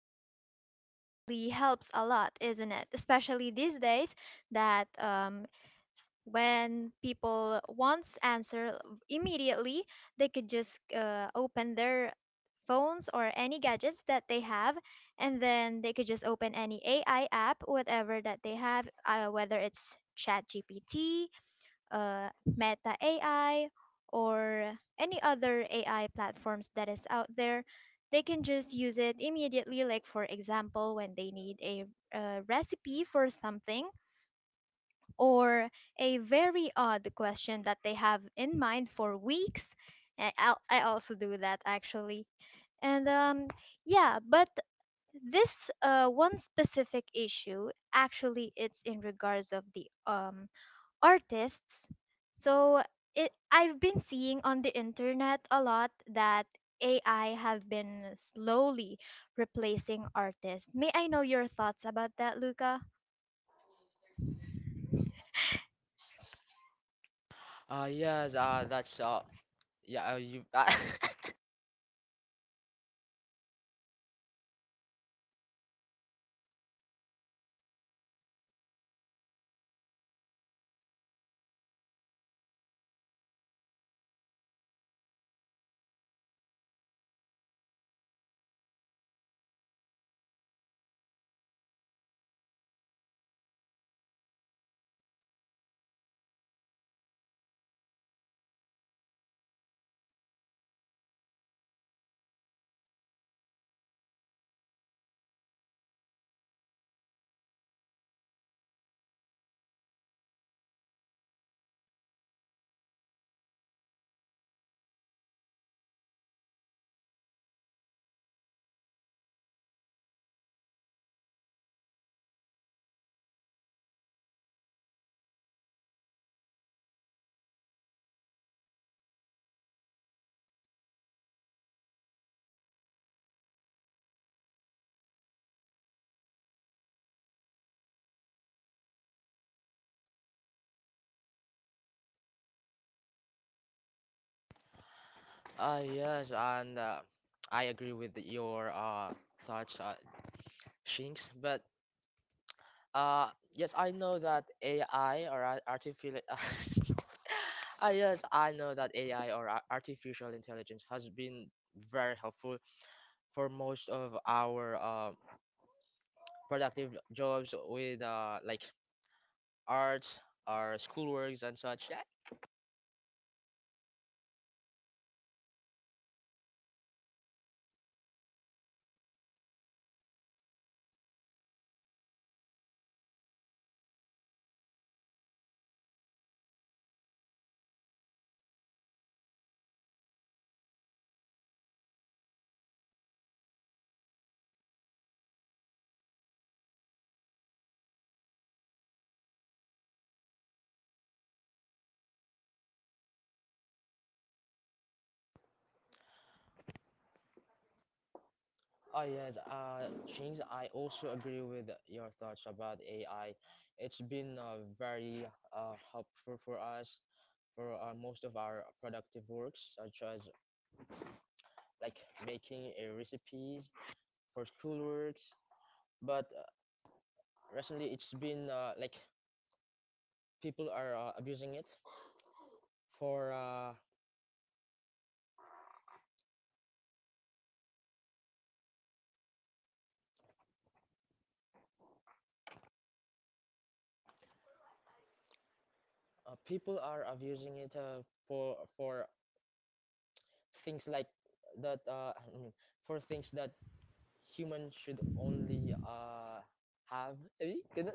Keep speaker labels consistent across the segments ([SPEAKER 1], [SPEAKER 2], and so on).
[SPEAKER 1] So AI actually helps a lot, isn't it? Especially these days that when people wants answer immediately, they could just open their phones or any gadgets that they have, and then they could just open any AI app, whatever that they have, whether it's ChatGPT uh, Meta AI or any other AI platforms that is out there, they can just use it immediately. Like, for example, when they need a recipe for something or a very odd question that they have in mind for weeks. I also do that actually. And yeah, but this one specific issue actually it's in regards of the artists. So I've been seeing on the internet a lot that AI have been slowly replacing artists. May I know your thoughts about that, Luca?
[SPEAKER 2] Uh, yes, uh, that's uh, yeah, uh, you, yes, and I agree with your thoughts, Shinx. But yes, I know that AI or ar- artificial, yes, I know that AI or artificial intelligence has been very helpful for most of our productive jobs with like arts, our schoolworks and such. Oh yes, James, I also agree with your thoughts about AI. It's been very helpful for us for most of our productive works, such as like making recipes for schoolworks. But recently, it's been like people are uh, abusing it for uh, uh, people are abusing it for things like that. For things that human should only have ganun.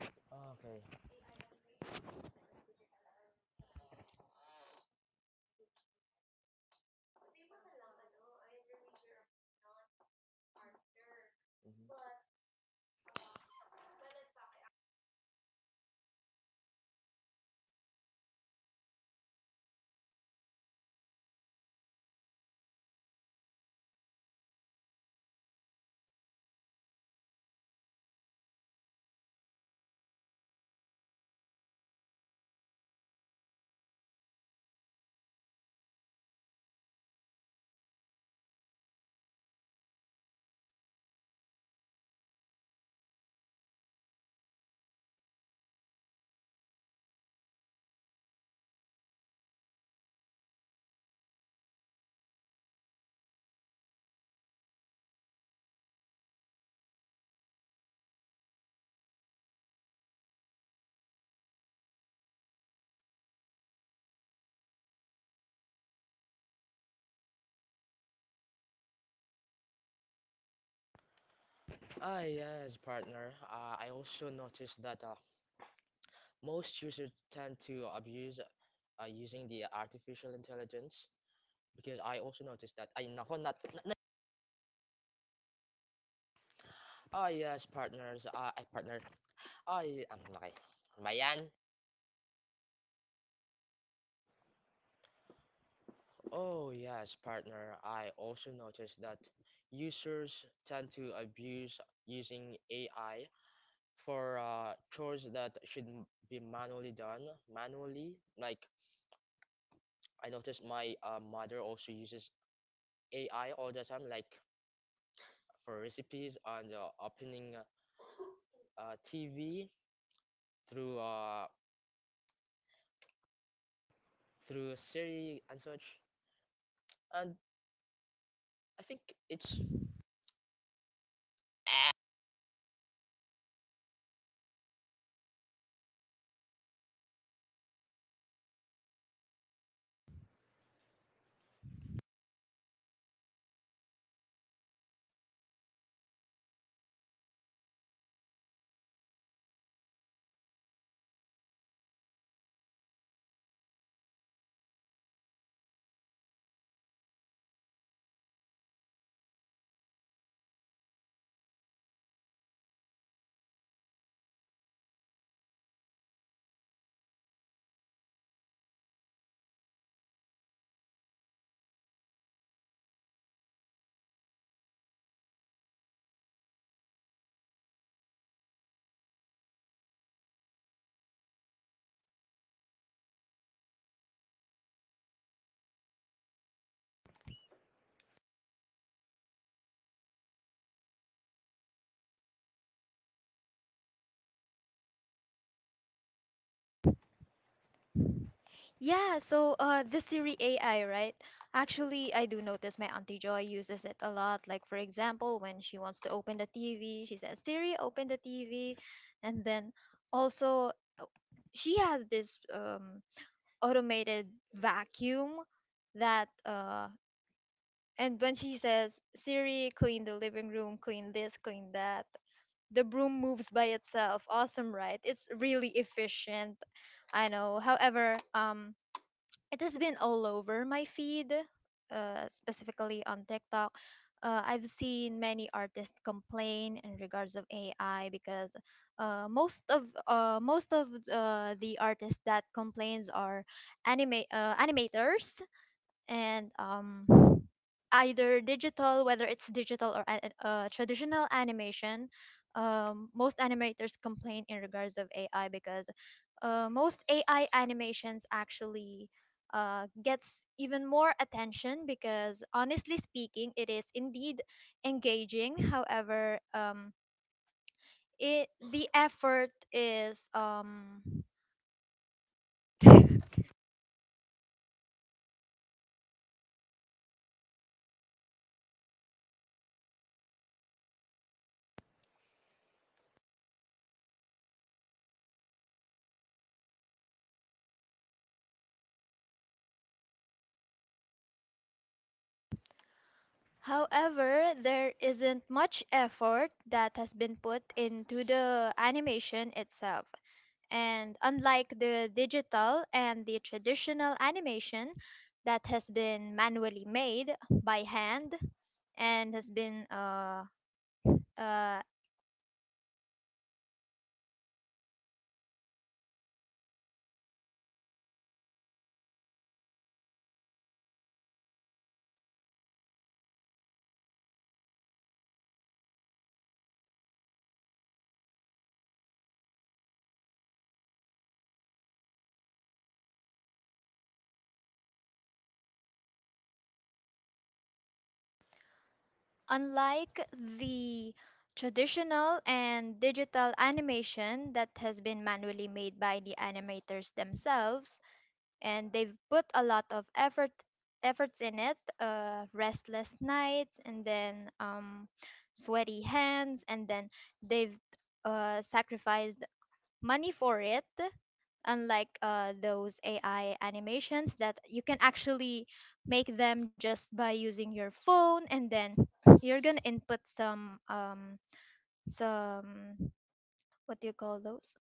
[SPEAKER 2] Okay. Mhm. Ah, yes, partner, I also noticed that most users tend to abuse using the artificial intelligence, because I also noticed that ay nako ah yes partners I partner I am okay ba yan? Oh yes, partner. I also noticed that users tend to abuse using AI for chores that should be manually done manually, like I noticed my mother also uses AI all the time, like for recipes and opening TV through through Siri and such. And I think it's
[SPEAKER 1] Yeah, so the Siri AI, right? Actually, I do notice my Auntie Joy uses it a lot. Like, for example, when she wants to open the TV, she says, Siri, open the TV. And then also, uh, she has this automated vacuum that And when she says, Siri, clean the living room, clean this, clean that, the broom moves by itself. Awesome, right? It's really efficient. I know. However, it has been all over my feed, specifically on TikTok. I've seen many artists complain in regards of AI because uh, most of most of the artists that complains are anime animators, and either digital, whether it's digital or traditional animation. Most animators complain in regards of AI because most AI animations actually gets even more attention because honestly speaking, it is indeed engaging. However, it the effort is However, there isn't much effort that has been put into the animation itself. And unlike the digital and the traditional animation that has been manually made by hand and has been uh, unlike the traditional and digital animation that has been manually made by the animators themselves, and they've put a lot of efforts in it, restless nights, and then sweaty hands, and then they've sacrificed money for it, unlike those ai animations that you can actually make them just by using your phone, and then you're gonna input some what do you call those?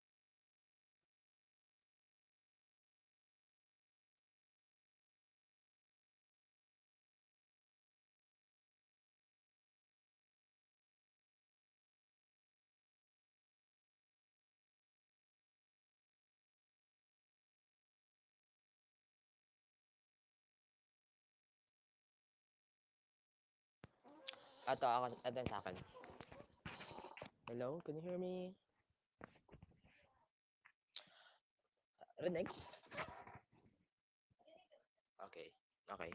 [SPEAKER 2] Ato ako ato sa akin. Hello, can you hear me? Rinig. Okay. Okay.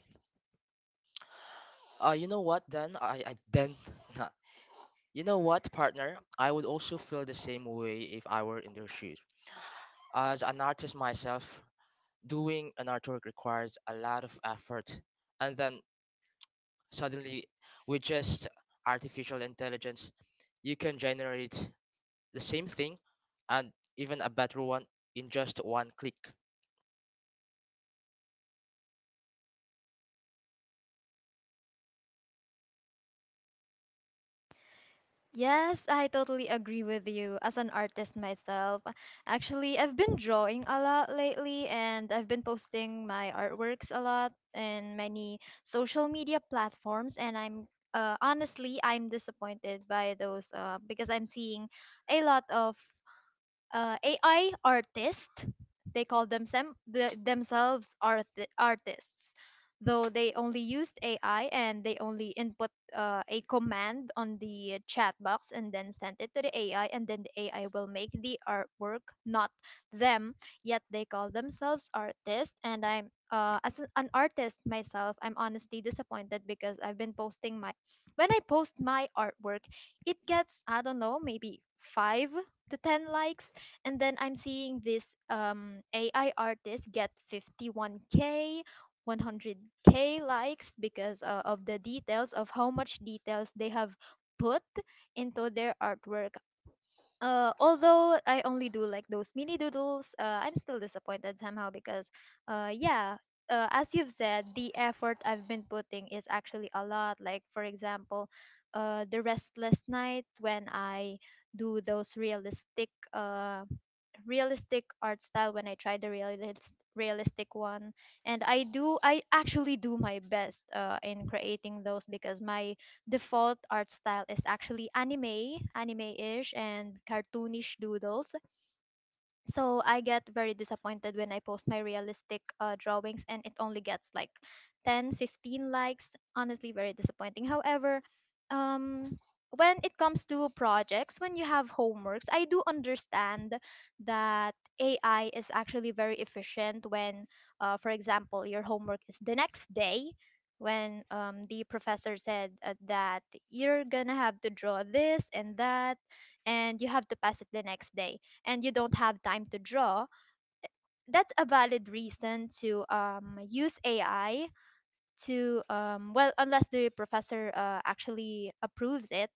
[SPEAKER 2] you know what then I then You know what, partner? I would also feel the same way if I were in their shoes. As an artist myself, doing an artwork requires a lot of effort, and then suddenly, with just artificial intelligence, you can generate the same thing and even a better one in just one click.
[SPEAKER 1] Yes, I totally agree with you. As an artist myself, actually, I've been drawing a lot lately, and I've been posting my artworks a lot in many social media platforms. And I'm honestly, I'm disappointed by those, because I'm seeing a lot of AI artists. They call themselves artists, though they only used AI and they only input a command on the chat box and then sent it to the AI, and then the AI will make the artwork, not them. Yet they call themselves artists, and I'm as an artist myself, I'm honestly disappointed because I've been posting my when I post my artwork, it gets, I don't know, maybe five to 10 likes. And then I'm seeing this AI artist get 51K, 100K likes because of the details of how much details they have put into their artwork. Although I only do like those mini doodles, I'm still disappointed somehow because, yeah. As you've said, the effort I've been putting is actually a lot. Like, for example, the restless night when I do those realistic art style, when I try the realistic one. And I actually do my best in creating those because my default art style is actually anime, anime ish, and cartoonish doodles. So I get very disappointed when I post my realistic drawings and it only gets like 10, 15 likes. Honestly very disappointing. However, um when it comes to projects, when you have homeworks, I do understand that ai is actually very efficient when, for example, your homework is the next day, when the professor said that you're gonna have to draw this and that and you have to pass it the next day and you don't have time to draw, that's a valid reason to use AI, well, unless the professor actually approves it.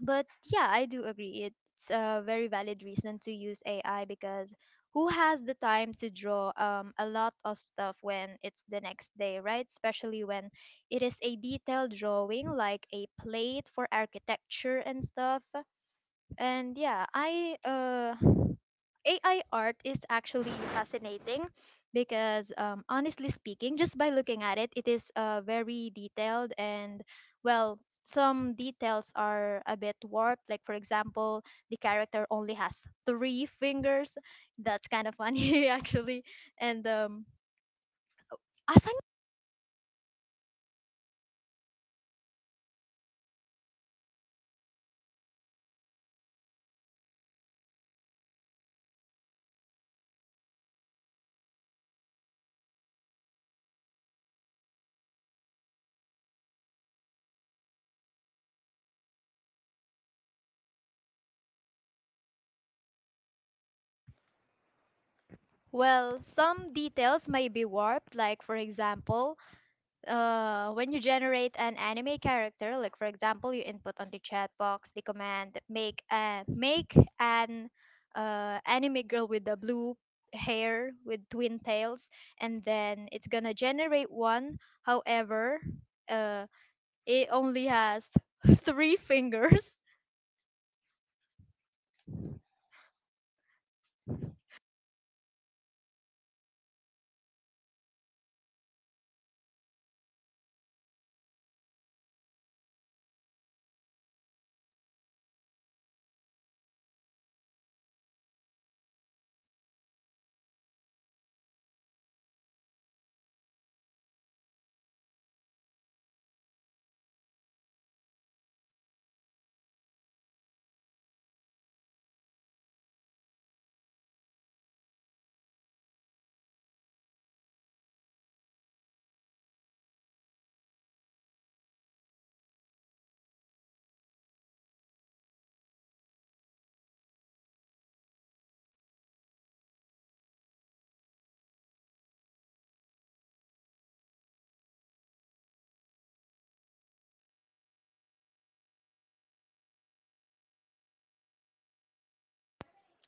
[SPEAKER 1] But yeah, I do agree. It's a very valid reason to use AI because who has the time to draw a lot of stuff when it's the next day, right? Especially when it is a detailed drawing like a plate for architecture and stuff. And yeah, I AI art is actually fascinating because, honestly speaking, just by looking at it, it is very detailed and, well, some details are a bit warped. Like, for example, the character only has three fingers. That's kind of funny, actually. And, asang- well, some details may be warped. Like, for example, when you generate an anime character, like for example, you input on the chat box the command, make an anime girl with the blue hair with twin tails, and then it's gonna generate one. However, uh, it only has three fingers.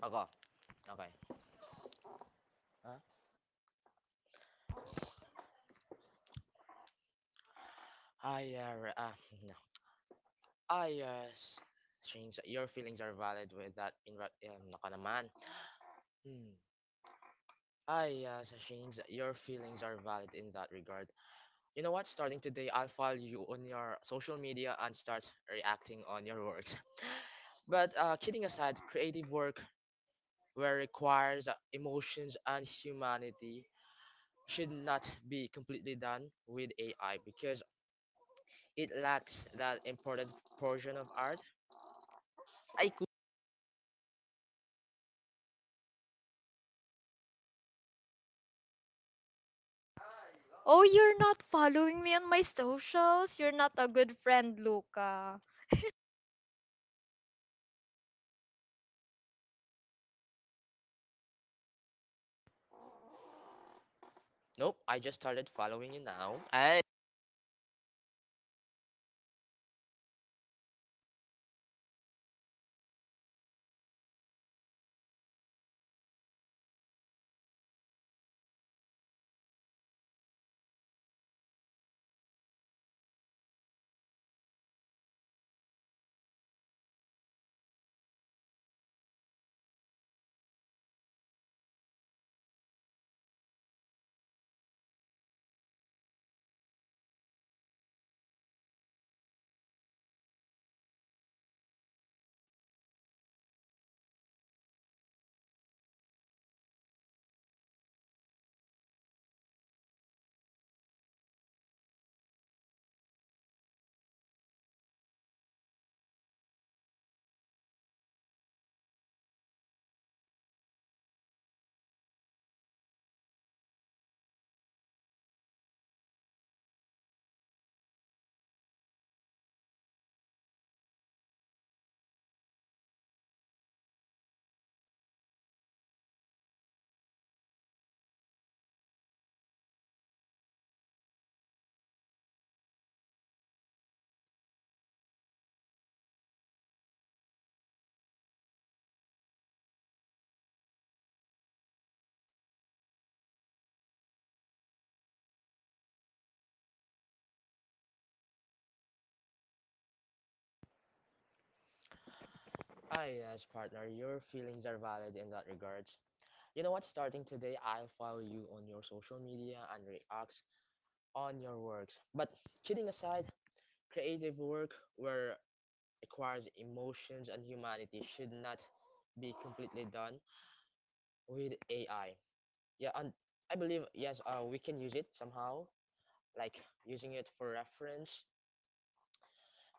[SPEAKER 2] Okay, okay. Huh? I uh, ah, no. I s- strings. Your feelings are valid with that. Naka naman. Hmm. Ah, yeah, Sashins, your feelings are valid in that regard. You know what? Starting today, I'll follow you on your social media and start reacting on your works. But kidding aside, creative work where requires emotions and humanity should not be completely done with AI, because it lacks that important portion of art. I could.
[SPEAKER 1] Oh, you're not following me on my socials. You're not a good friend, Luca.
[SPEAKER 2] Nope, I just started following you now. I. Ah, yes, partner, your feelings are valid in that regard. You know what? Starting today, I'll follow you on your social media and react on your works. But kidding aside, creative work where requires emotions and humanity should not be completely done with AI. Yeah, and I believe yes, we can use it somehow, like using it for reference.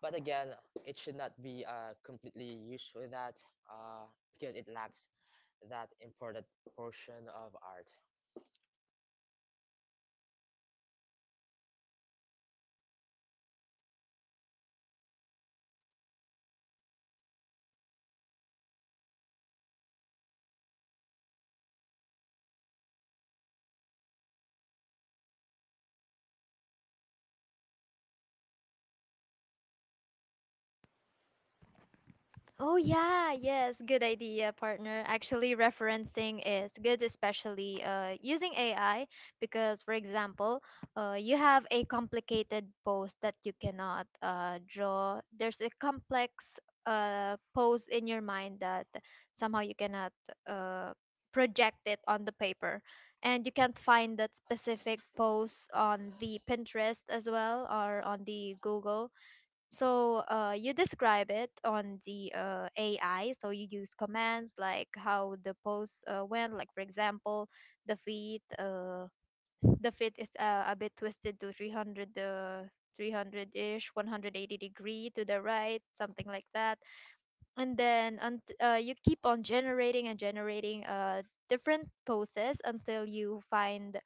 [SPEAKER 2] But again, it should not be completely used with that uh, because it lacks that important portion of art.
[SPEAKER 1] Oh yeah, yes, good idea, partner. Actually, referencing is good, especially using AI because, for example, you have a complicated pose that you cannot draw. There's a complex pose in your mind that somehow you cannot uh, project it on the paper, and you can't find that specific pose on the Pinterest as well or on the Google, so you describe it on the AI. So you use commands like how the pose went. Like for example, the feet, uh, the feet is a bit twisted to 300, 300 ish, 180 degree to the right, something like that. And then unt you keep on generating and generating different poses until you find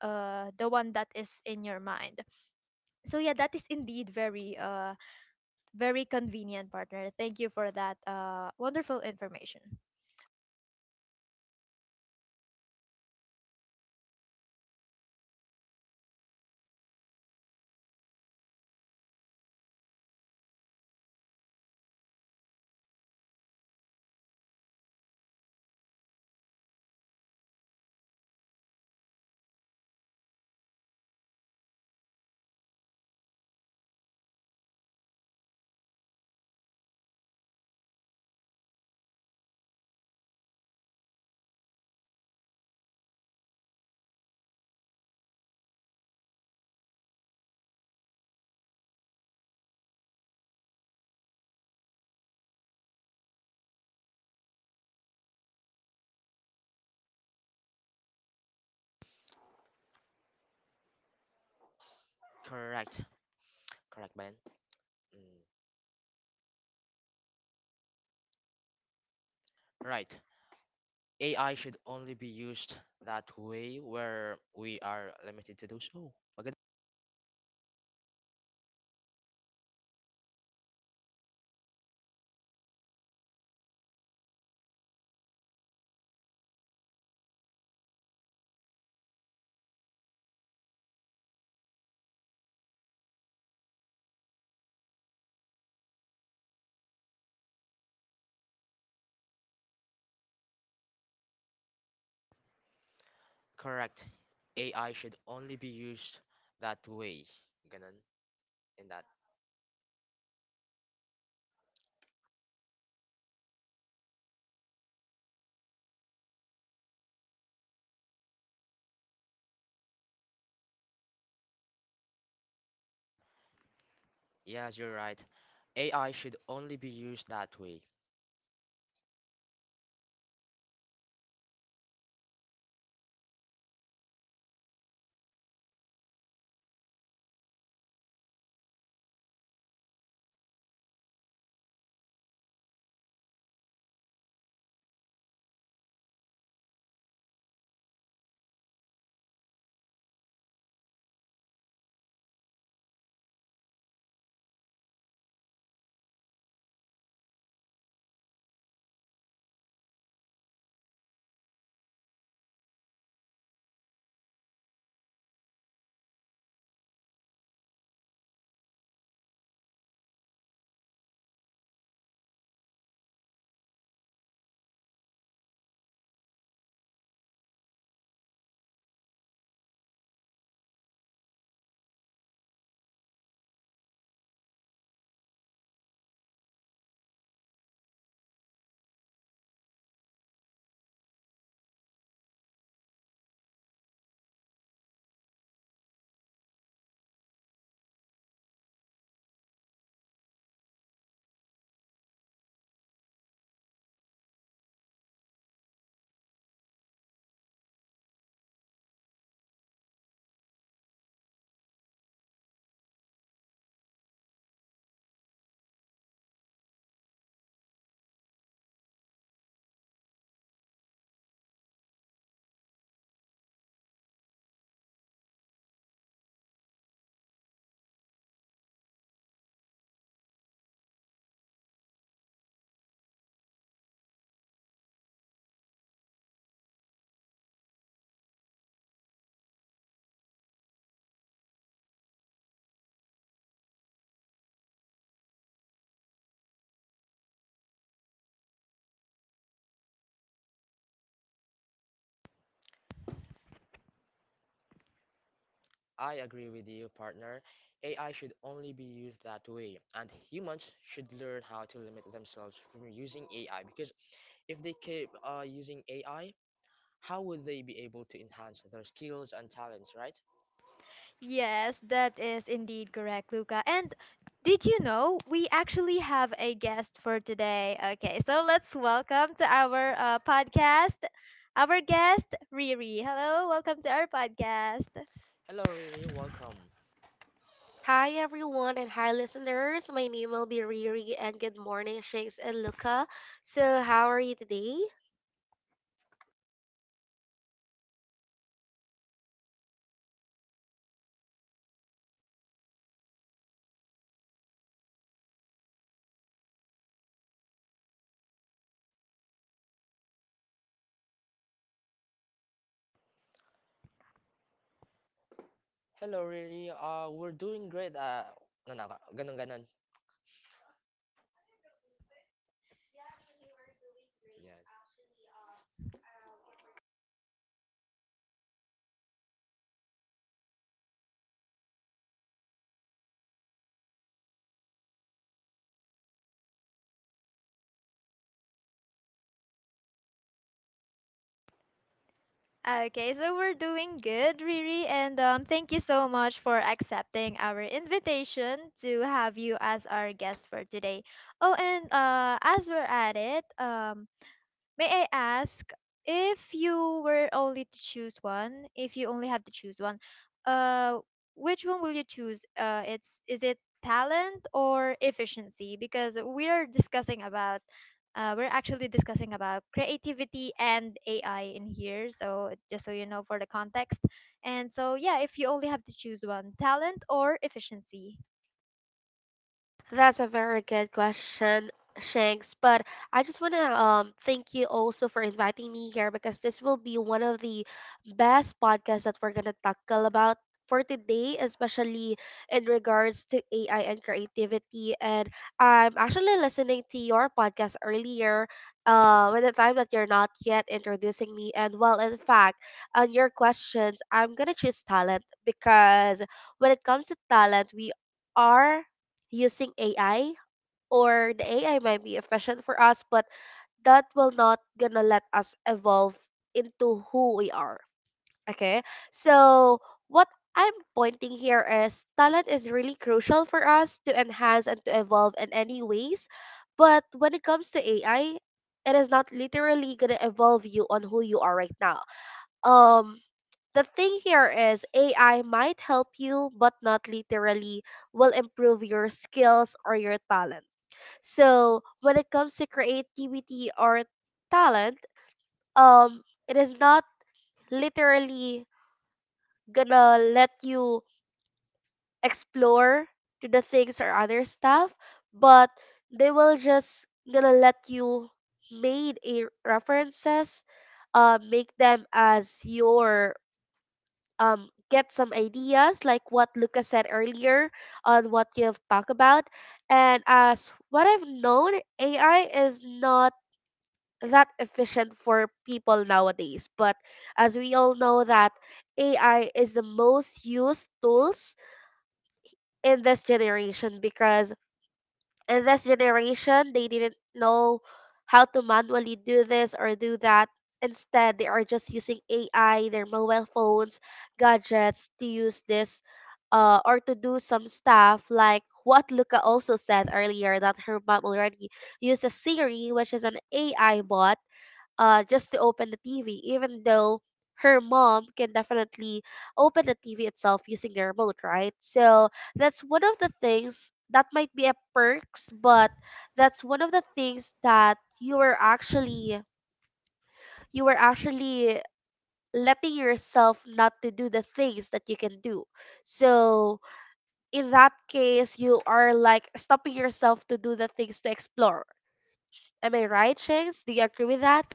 [SPEAKER 1] the one that is in your mind. So yeah, that is indeed very convenient, partner. Thank you for that wonderful information.
[SPEAKER 2] Correct, correct, man. Right. AI should only be used that way where we are limited to do so. Maganda. Correct. AI should only be used that way. Ganun. In that. Yes, you're right. AI should only be used that way. I agree with you, partner. AI should only be used that way. And humans should learn how to limit themselves from using AI, because if they keep using AI, how would they be able to enhance their skills and talents, right?
[SPEAKER 1] Yes, that is indeed correct, Luca. And did you know we actually have a guest for today? Okay, so let's welcome to our podcast, our guest, Riri. Hello, welcome to our podcast.
[SPEAKER 2] Hello, Riri, welcome.
[SPEAKER 3] Hi everyone and hi listeners. My name will be Riri and good morning Shakes and Luca. So how are you today?
[SPEAKER 2] Hello, Riri, we're doing great. Ganun, ganun. Ganun. Yes.
[SPEAKER 1] Okay, so we're doing good, Riri, and thank you so much for accepting our invitation to have you as our guest for today. Oh, and as we're at it, may I ask, if you were only to choose one, if you only have to choose one, uh, which one will you choose? It's is it talent or efficiency? Because we are discussing about, we're actually discussing about creativity and AI in here. So just so you know for the context. And so yeah, if you only have to choose one, talent or efficiency.
[SPEAKER 3] That's a very good question, Shanks. But I just want to thank you also for inviting me here because this will be one of the best podcasts that we're gonna tackle about for today, especially in regards to AI and creativity. And I'm actually listening to your podcast earlier, when the time that you're not yet introducing me. And well, in fact, on your questions, I'm gonna choose talent because when it comes to talent, we are using AI or the AI might be efficient for us, but that will not gonna let us evolve into who we are. Okay. So what I'm pointing here is talent is really crucial for us to enhance and to evolve in any ways. But when it comes to AI, it is not literally gonna evolve you on who you are right now. Um the thing here is AI might help you but not literally will improve your skills or your talent. So when it comes to creativity or talent, um, it is not literally gonna let you explore to the things or other stuff, but they will just gonna let you made a references, make them as your get some ideas like what Lucas said earlier on what you have talked about. And as what I've known, AI is not that efficient for people nowadays. But as we all know that AI is the most used tools in this generation because in this generation they didn't know how to manually do this or do that. Instead, they are just using AI, their mobile phones, gadgets to use this or to do some stuff like what Luca also said earlier that her mom already uses Siri, which is an AI bot, just to open the TV, even though her mom can definitely open the TV itself using the remote, right? So that's one of the things that might be a perks, but that's one of the things that you were actually letting yourself not to do the things that you can do. So in that case, you are like stopping yourself to do the things to explore. Am I right, Shanks? Do you agree with that?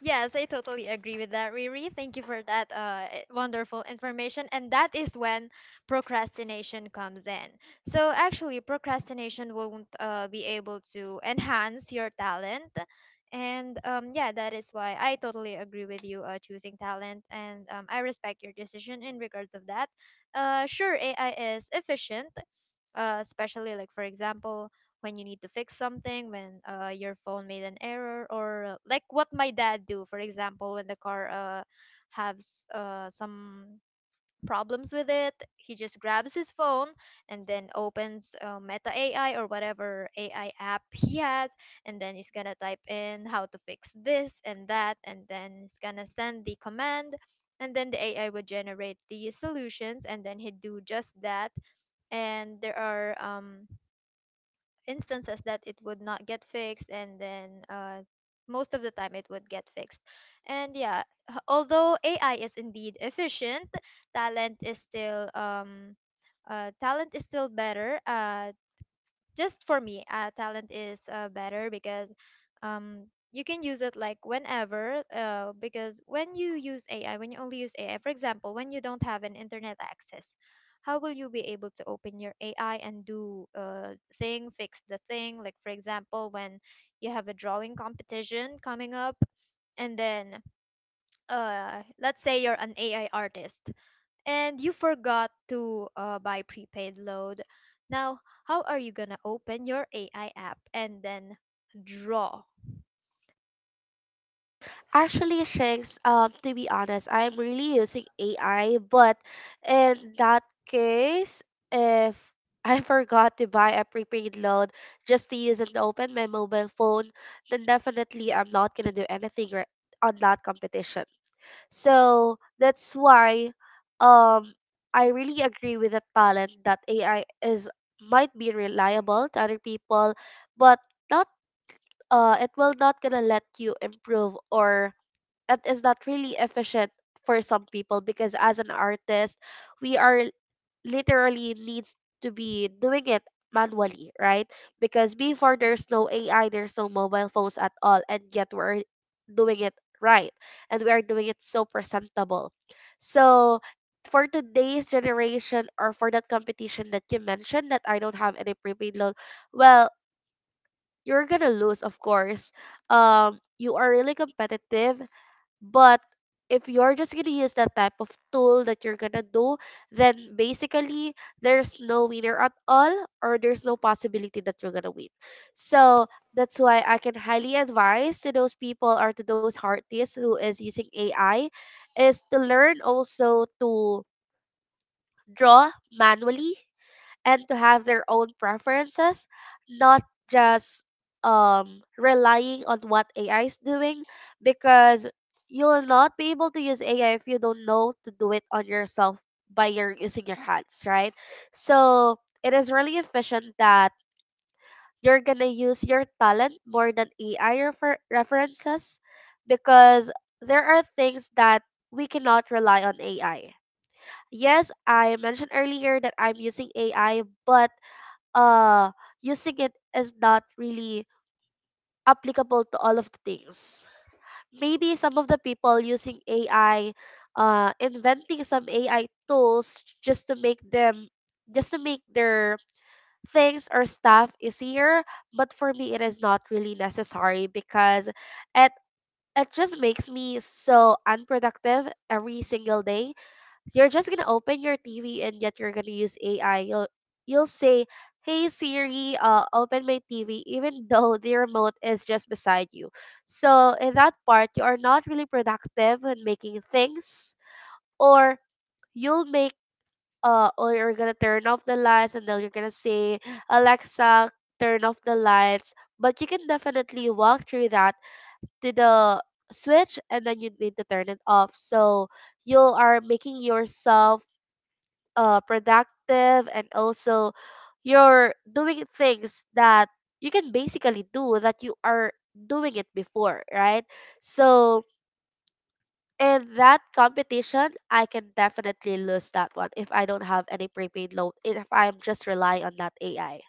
[SPEAKER 1] Yes, I totally agree with that, Riri. Thank you for that wonderful information. And that is when procrastination comes in. So, actually, procrastination won't be able to enhance your talent. And yeah, that is why I totally agree with you choosing talent. And I respect your decision in regards of that. Sure, AI is efficient, especially, like, for example, when you need to fix something when your phone made an error, or like what my dad do, for example, when the car has some problems with it, he just grabs his phone and then opens Meta AI or whatever AI app he has, and then he's gonna type in how to fix this and that, and then he's gonna send the command, and then the AI would generate the solutions, and then he'd do just that. And there are instances that it would not get fixed, and then most of the time it would get fixed. And yeah, although AI is indeed efficient, talent is still um, talent is still better, just for me, talent is better because um you can use it like whenever, because when you only use AI, for example, when you don't have an internet access, how will you be able to open your AI and do a thing fix the thing, like for example when you have a drawing competition coming up and then let's say you're an AI artist and you forgot to buy prepaid load. Now, how are you gonna open your AI app and then draw?
[SPEAKER 3] Actually, Shanks, to be honest, I'm really using AI, but in that case, if I forgot to buy a prepaid load just to use and open my mobile phone, then definitely I'm not gonna do anything on that competition. So that's why, um, I really agree with the talent that AI is might be reliable to other people, but not, it will not gonna let you improve or that is not really efficient for some people because as an artist, we are literally needs to be doing it manually, right? Because before there's no AI, there's no mobile phones at all, and yet we're doing it right, and we are doing it so presentable. So for today's generation or for that competition that you mentioned that I don't have any prepaid loan, well, you're gonna lose, of course. You are really competitive but if you're just gonna use that type of tool that you're gonna do, then basically there's no winner at all, or there's no possibility that you're gonna win. So that's why I can highly advise to those people or to those artists who is using AI is to learn also to draw manually and to have their own preferences, not just relying on what AI is doing because you'll not be able to use AI if you don't know to do it on yourself by your using your hands, right? So it is really efficient that you're gonna use your talent more than AI references because there are things that we cannot rely on AI. Yes, I mentioned earlier that I'm using AI, but uh using it is not really applicable to all of the things maybe some of the people using ai inventing some ai tools just to make them just to make their things or stuff easier but for me it is not really necessary because it it just makes me so unproductive every single day you're just gonna open your TV and yet you're gonna use AI. You'll say, "Hey Siri, open my TV," even though the remote is just beside you. So in that part, you are not really productive in making things, or you'll make, or you're gonna turn off the lights, and then you're gonna say, "Alexa, turn off the lights." But you can definitely walk through that to the switch, and then you need to turn it off. So you are making yourself productive and also you're doing things that you can basically do that you are doing it before, right? So in that competition, I can definitely lose that one if I don't have any prepaid loan, if I'm just relying on that AI.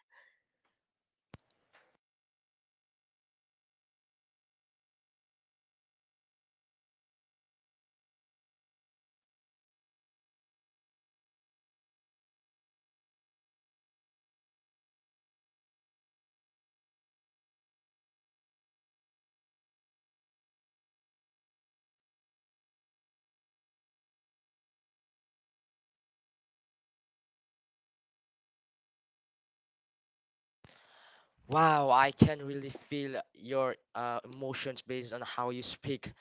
[SPEAKER 2] Wow, I can really feel your emotions based on how you speak,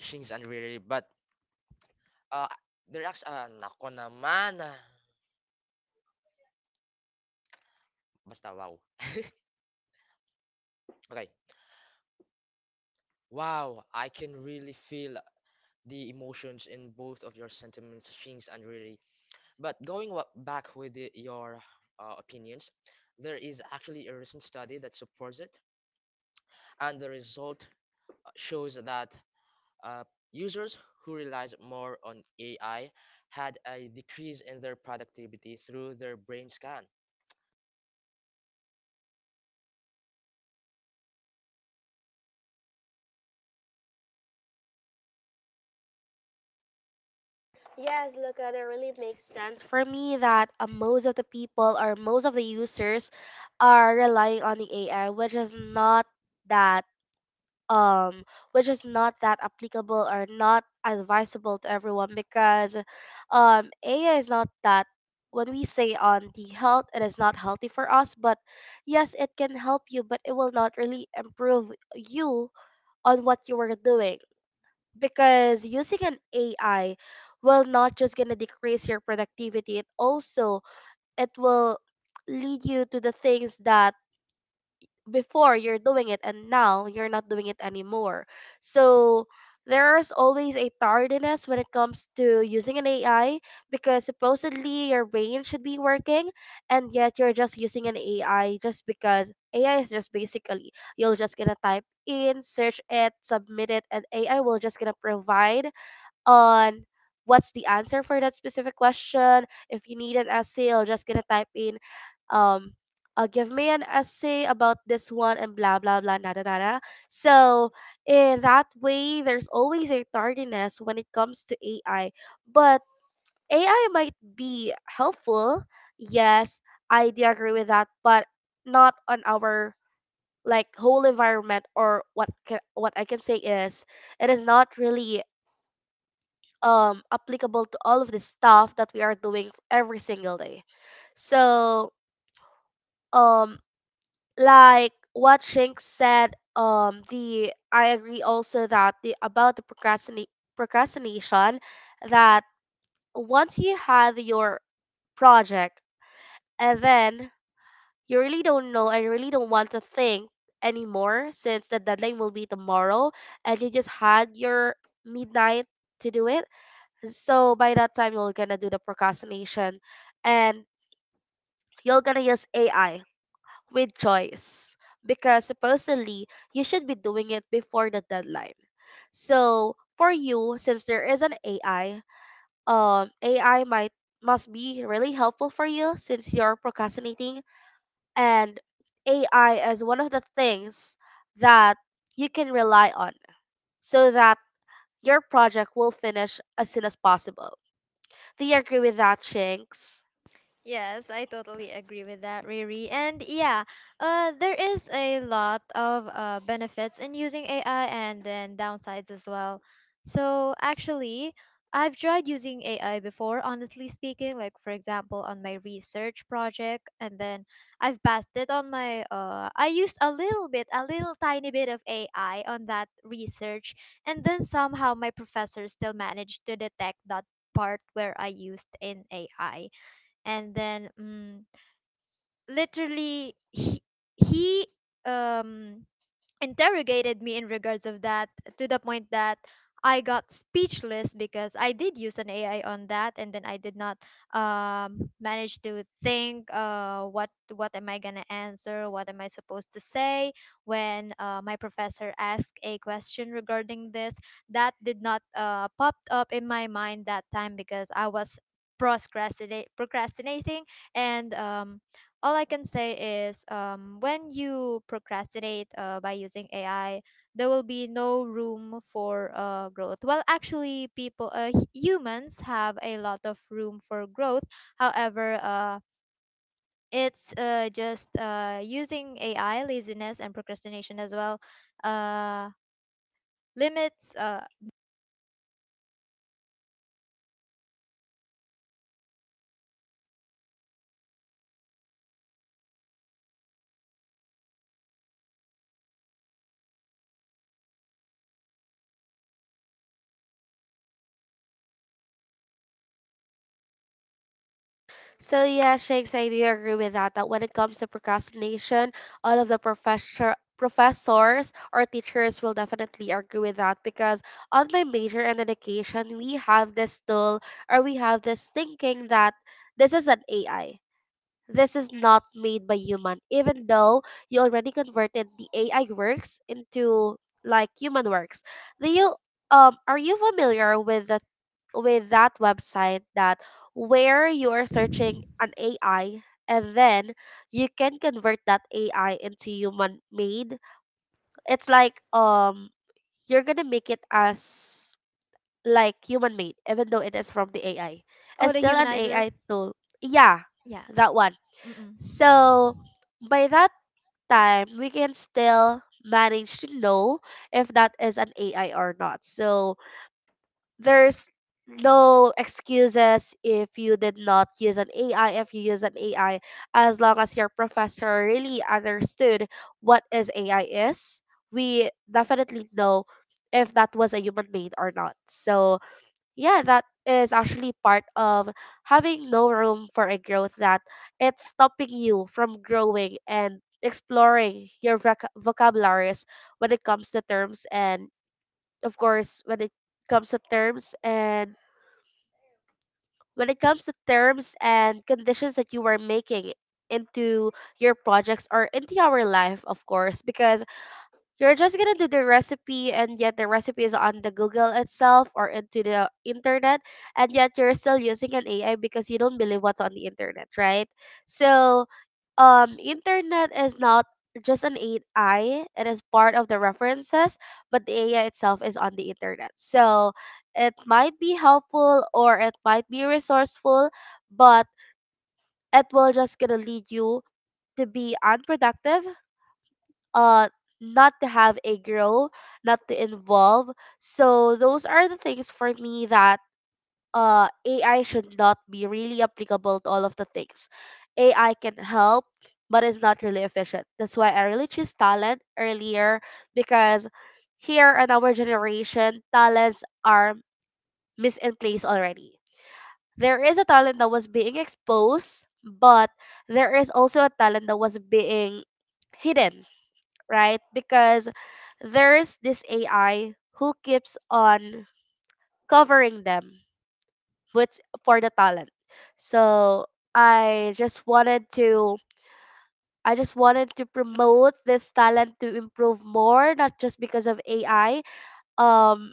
[SPEAKER 2] Shings and Riri. Uh, nako naman. Ah. Basta wow. Okay. Wow, I can really feel the emotions in both of your sentiments, Shings and Riri. But going back with the, your opinions, there is actually a recent study that supports it, and the result shows that uh, users who relies more on AI had a decrease in their productivity through their brain scan.
[SPEAKER 3] Yes, look, that really makes sense for me that most of the people or most of the users are relying on the AI, which is not that um which is not that applicable or not advisable to everyone because AI is not that when we say on the health it is not healthy for us but yes it can help you but it will not really improve you on what you were doing because using an AI will not just gonna decrease your productivity it also it will lead you to the things that before you're doing it and now you're not doing it anymore. So there's always a tardiness when it comes to using an AI because supposedly your brain should be working and yet you're just using an AI just because AI is just basically you'll just gonna type in, search it, submit it, and AI will just gonna provide on what's the answer for that specific question. If you need an essay, I'm just gonna type in um give me an essay about this one and blah blah blah Nada nada. So in that way there's always a tardiness when it comes to AI. But AI might be helpful. Yes, I do agree with that, but not on our like whole environment or what can, what I can say is it is not really applicable to all of the stuff that we are doing every single day. So um like what Shink said, the I agree also that the about the procrastinate procrastination that once you have your project and then you really don't know and you really don't want to think anymore since the deadline will be tomorrow and you just had your midnight to do it. So by that time, you're gonna do the procrastination and you're gonna use AI with choice because supposedly you should be doing it before the deadline. So for you, since there is an AI, AI might must be really helpful for you since you're procrastinating and AI is one of the things that you can rely on so that your project will finish as soon as possible. Do you agree with that, Shanks?
[SPEAKER 1] Yes, I totally agree with that, Riri. And yeah, there is a lot of benefits in using AI and then downsides as well. So actually, I've tried using AI before, honestly speaking, like for example, on my research project, and then I've passed it on my. I used a little tiny bit of AI on that research, and then somehow my professor still managed to detect that part where I used in AI, and then literally he um interrogated me in regards of that, to the point that I got speechless because I did use an AI on that, and then I did not manage to think. What am I gonna answer, what am I supposed to say when my professor asked a question regarding this, that did not popped up in my mind that time because I was procrastinate procrastinating. And all I can say is when you procrastinate by using AI, there will be no room for growth. Well, actually, humans have a lot of room for growth. However, it's just using AI, laziness, and procrastination as well. Uh, Limits.
[SPEAKER 3] So yeah, Shanks, I do agree with that. That when it comes to procrastination, all of the professors or teachers will definitely agree with that because on my major in education, we have this tool or we have this thinking that this is an AI. This is not made by human, even though you already converted the AI works into like human works. Do you are you familiar with the with that website that where you are searching an AI and then you can convert that AI into human made? It's like you're gonna make it as like human made, even though it is from the AI.
[SPEAKER 1] Oh,
[SPEAKER 3] It's
[SPEAKER 1] the
[SPEAKER 3] still an
[SPEAKER 1] humanizer.
[SPEAKER 3] AI tool. Yeah,
[SPEAKER 1] Yeah.
[SPEAKER 3] that one.
[SPEAKER 1] Mm-mm.
[SPEAKER 3] So by that time, we can still manage to know if that is an AI or not. So there's no excuses if you did not use an AI, if you use an AI, as long as your professor really understood what is AI is, we definitely know if that was a human made or not. So yeah, that is actually part of having no room for a growth that it's stopping you from growing and exploring your vocabularies when it comes to terms and of course when it comes to terms and when it comes to terms and conditions that you are making into your projects or into our life of course because you're just gonna do the recipe, and yet the recipe is on the Google itself or into the internet, and yet you're still using an AI because you don't believe what's on the internet, right? So, internet is not just an AI; it is part of the references, but the AI itself is on the internet. So, it might be helpful or it might be resourceful, but it will just gonna lead you to be unproductive, uh not to have a girl, not to involve. So those are the things for me that AI should not be really applicable to all of the things. AI can help, but it's not really efficient. That's why I really choose talent earlier because here in our generation, talents are misplaced already. There is a talent that was being exposed, but there is also a talent that was being hidden, right? Because there's this AI who keeps on covering them with for the talent. So I just wanted to I just wanted to promote this talent to improve more, not just because of AI. Um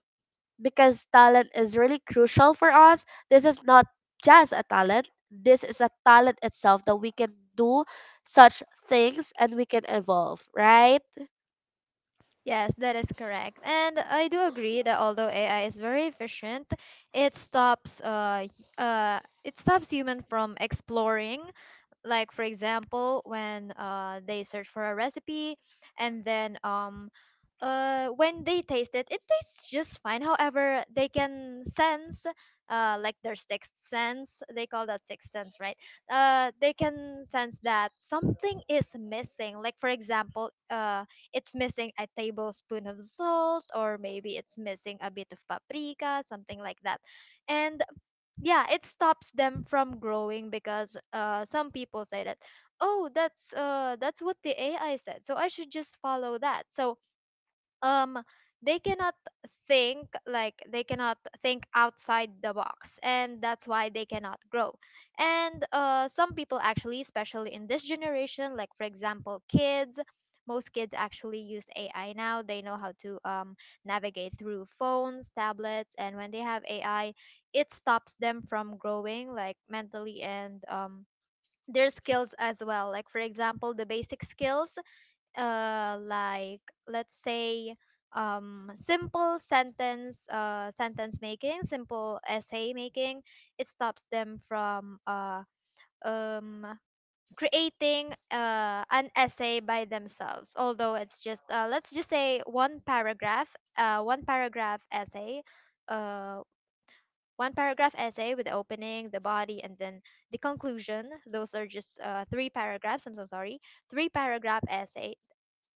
[SPEAKER 3] because talent is really crucial for us. This is not just a talent. This is a talent itself that we can do such things and we can evolve, right?
[SPEAKER 1] Yes, that is correct. And I do agree that although AI is very efficient, it stops it stops human from exploring, like for example when they search for a recipe, and then when they taste it, it tastes just fine. However, they can sense like their sixth sense, they call that sixth sense, right? They can sense that something is missing, like for example, it's missing a tablespoon of salt, or maybe it's missing a bit of paprika, something like that. And yeah, it stops them from growing because some people say that, oh, that's what the ai said, so I should just follow that. Um they cannot think, they cannot think outside the box, and that's why they cannot grow. And some people actually, especially in this generation, like for example kids, most kids actually use ai now. They know how to navigate through phones, tablets, and when they have ai, it stops them from growing, like mentally, and their skills as well, like for example the basic skills, uh like let's say simple sentence sentence making, simple essay making. It stops them from um creating an essay by themselves, although it's just let's just say uh one paragraph essay uh one paragraph essay with the opening, the body, and then the conclusion. Those are just three paragraphs, I'm so sorry, three paragraph essay.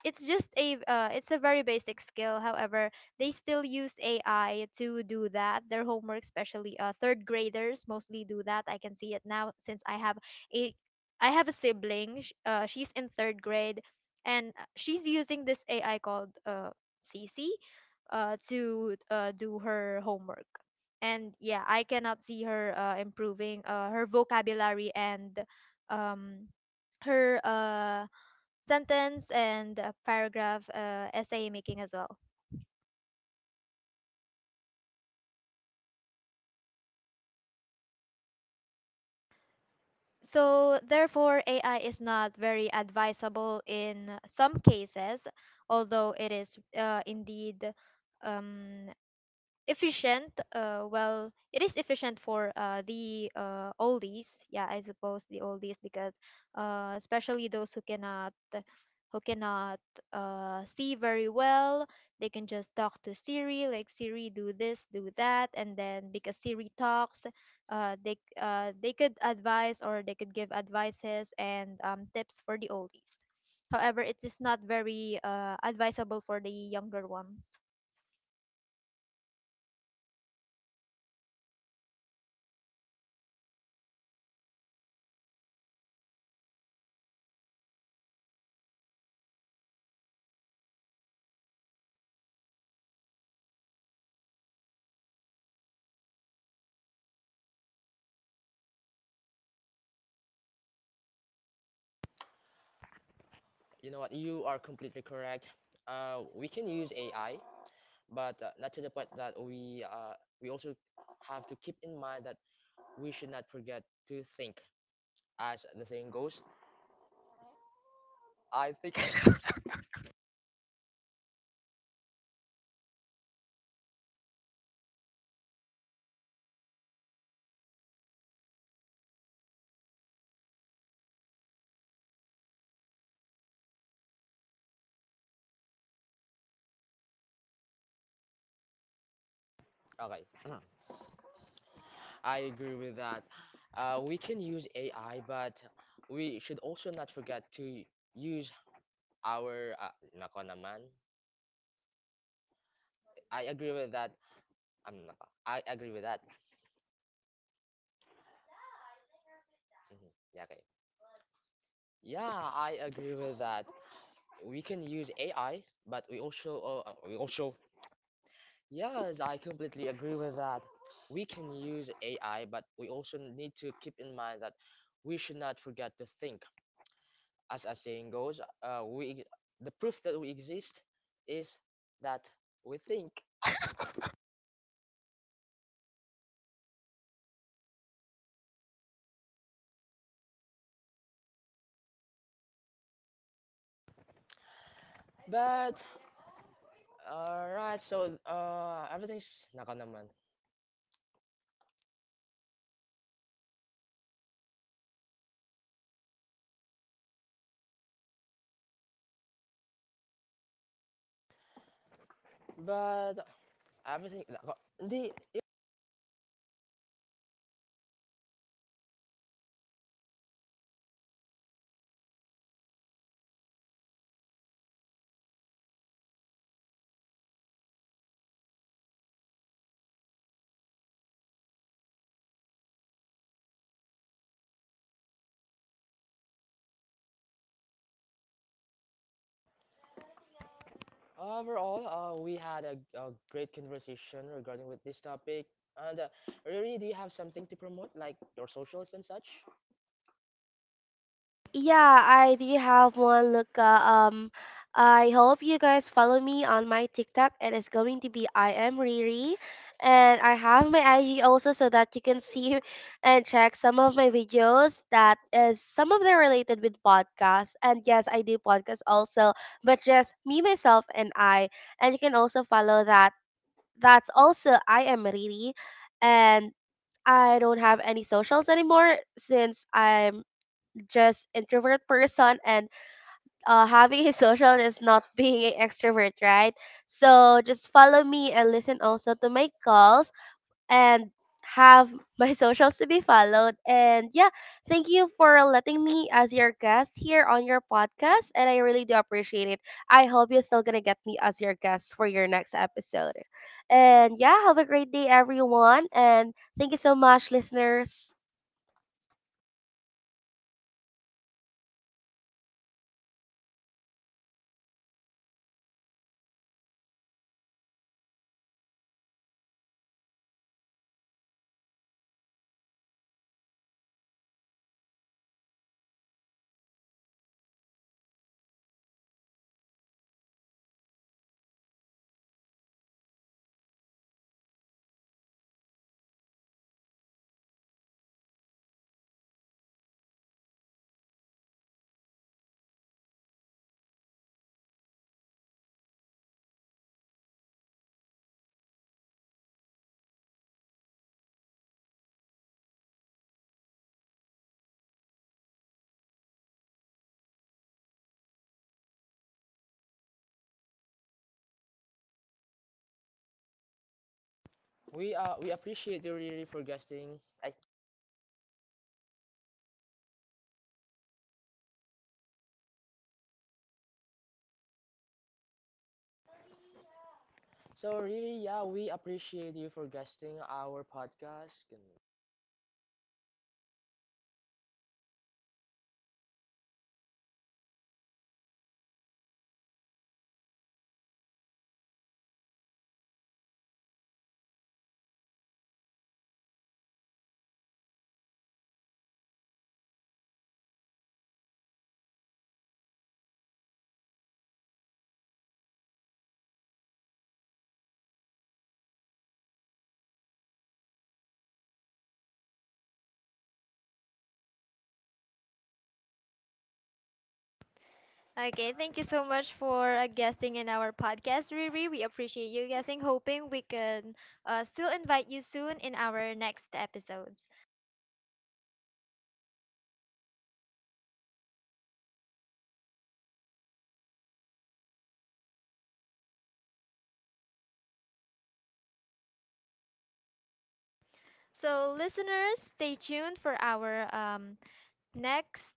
[SPEAKER 1] It's just a it's a very basic skill. However, they still use ai to do that, their homework, especially third graders mostly do that. I can see it now since a I have a sibling, she's in third grade, and she's using this ai called cc, to do her homework. And yeah, I cannot see her improving her vocabulary, and um her uh sentence and paragraph essay making as well. So, therefore, AI is not very advisable in some cases, although it is indeed um, efficient. Well, it is efficient for the oldies, yeah, I suppose the oldies, because especially those who cannot see very well, they can just talk to siri, like siri, do this, do that, and then because siri talks, they could advise or they could give advices, and tips for the oldies. However, it is not very advisable for the younger ones.
[SPEAKER 2] You know what? You are completely correct. We can use AI, but not to the point that we also have to keep in mind that we should not forget to think. As the saying goes, I think. Okay. I agree with that. We can use AI, but we should also not forget to use our. Nako naman. I agree with that. I'm nako. I agree with that. Mhm. Yeah, okay. Yeah, I agree with that. We can use AI, but we also. We also. Yes, I completely agree with that. We can use AI, but we also need to keep in mind that we should not forget to think, as a saying goes, we the proof that we exist is that we think. But alright, so everything's nako naman. But everything nako, hindi. Overall, we had a great conversation regarding with this topic. And Riri, do you have something to promote, like your socials and such?
[SPEAKER 3] Yeah, I do have one, Luca. I hope you guys follow me on my TikTok. It is going to be I am Riri, and I have my IG also so that you can see and check some of my videos. That is some of them related with podcasts, and yes, I do podcasts also, but just me myself and I. And you can also follow that. That's also I am Riri, and I don't have any socials anymore since I'm just introvert person and, having his social is not being an extrovert, right? So just follow me and listen also to my calls and have my socials to be followed. And yeah, thank you for letting me as your guest here on your podcast. And I really do appreciate it. I hope you're still going to get me as your guest for your next episode. And yeah, have a great day, everyone. And thank you so much, listeners.
[SPEAKER 2] We appreciate you, Riri, for guesting. So Riri, yeah, we appreciate you for guesting our podcast.
[SPEAKER 1] Okay, thank you so much for guesting in our podcast, Riri. We appreciate you guessing, hoping we can still invite you soon in our next episodes. So, listeners, stay tuned for our next.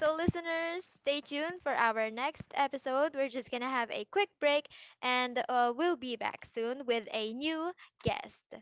[SPEAKER 1] So, listeners, stay tuned for our next episode. We're just gonna have a quick break, and we'll be back soon with a new guest.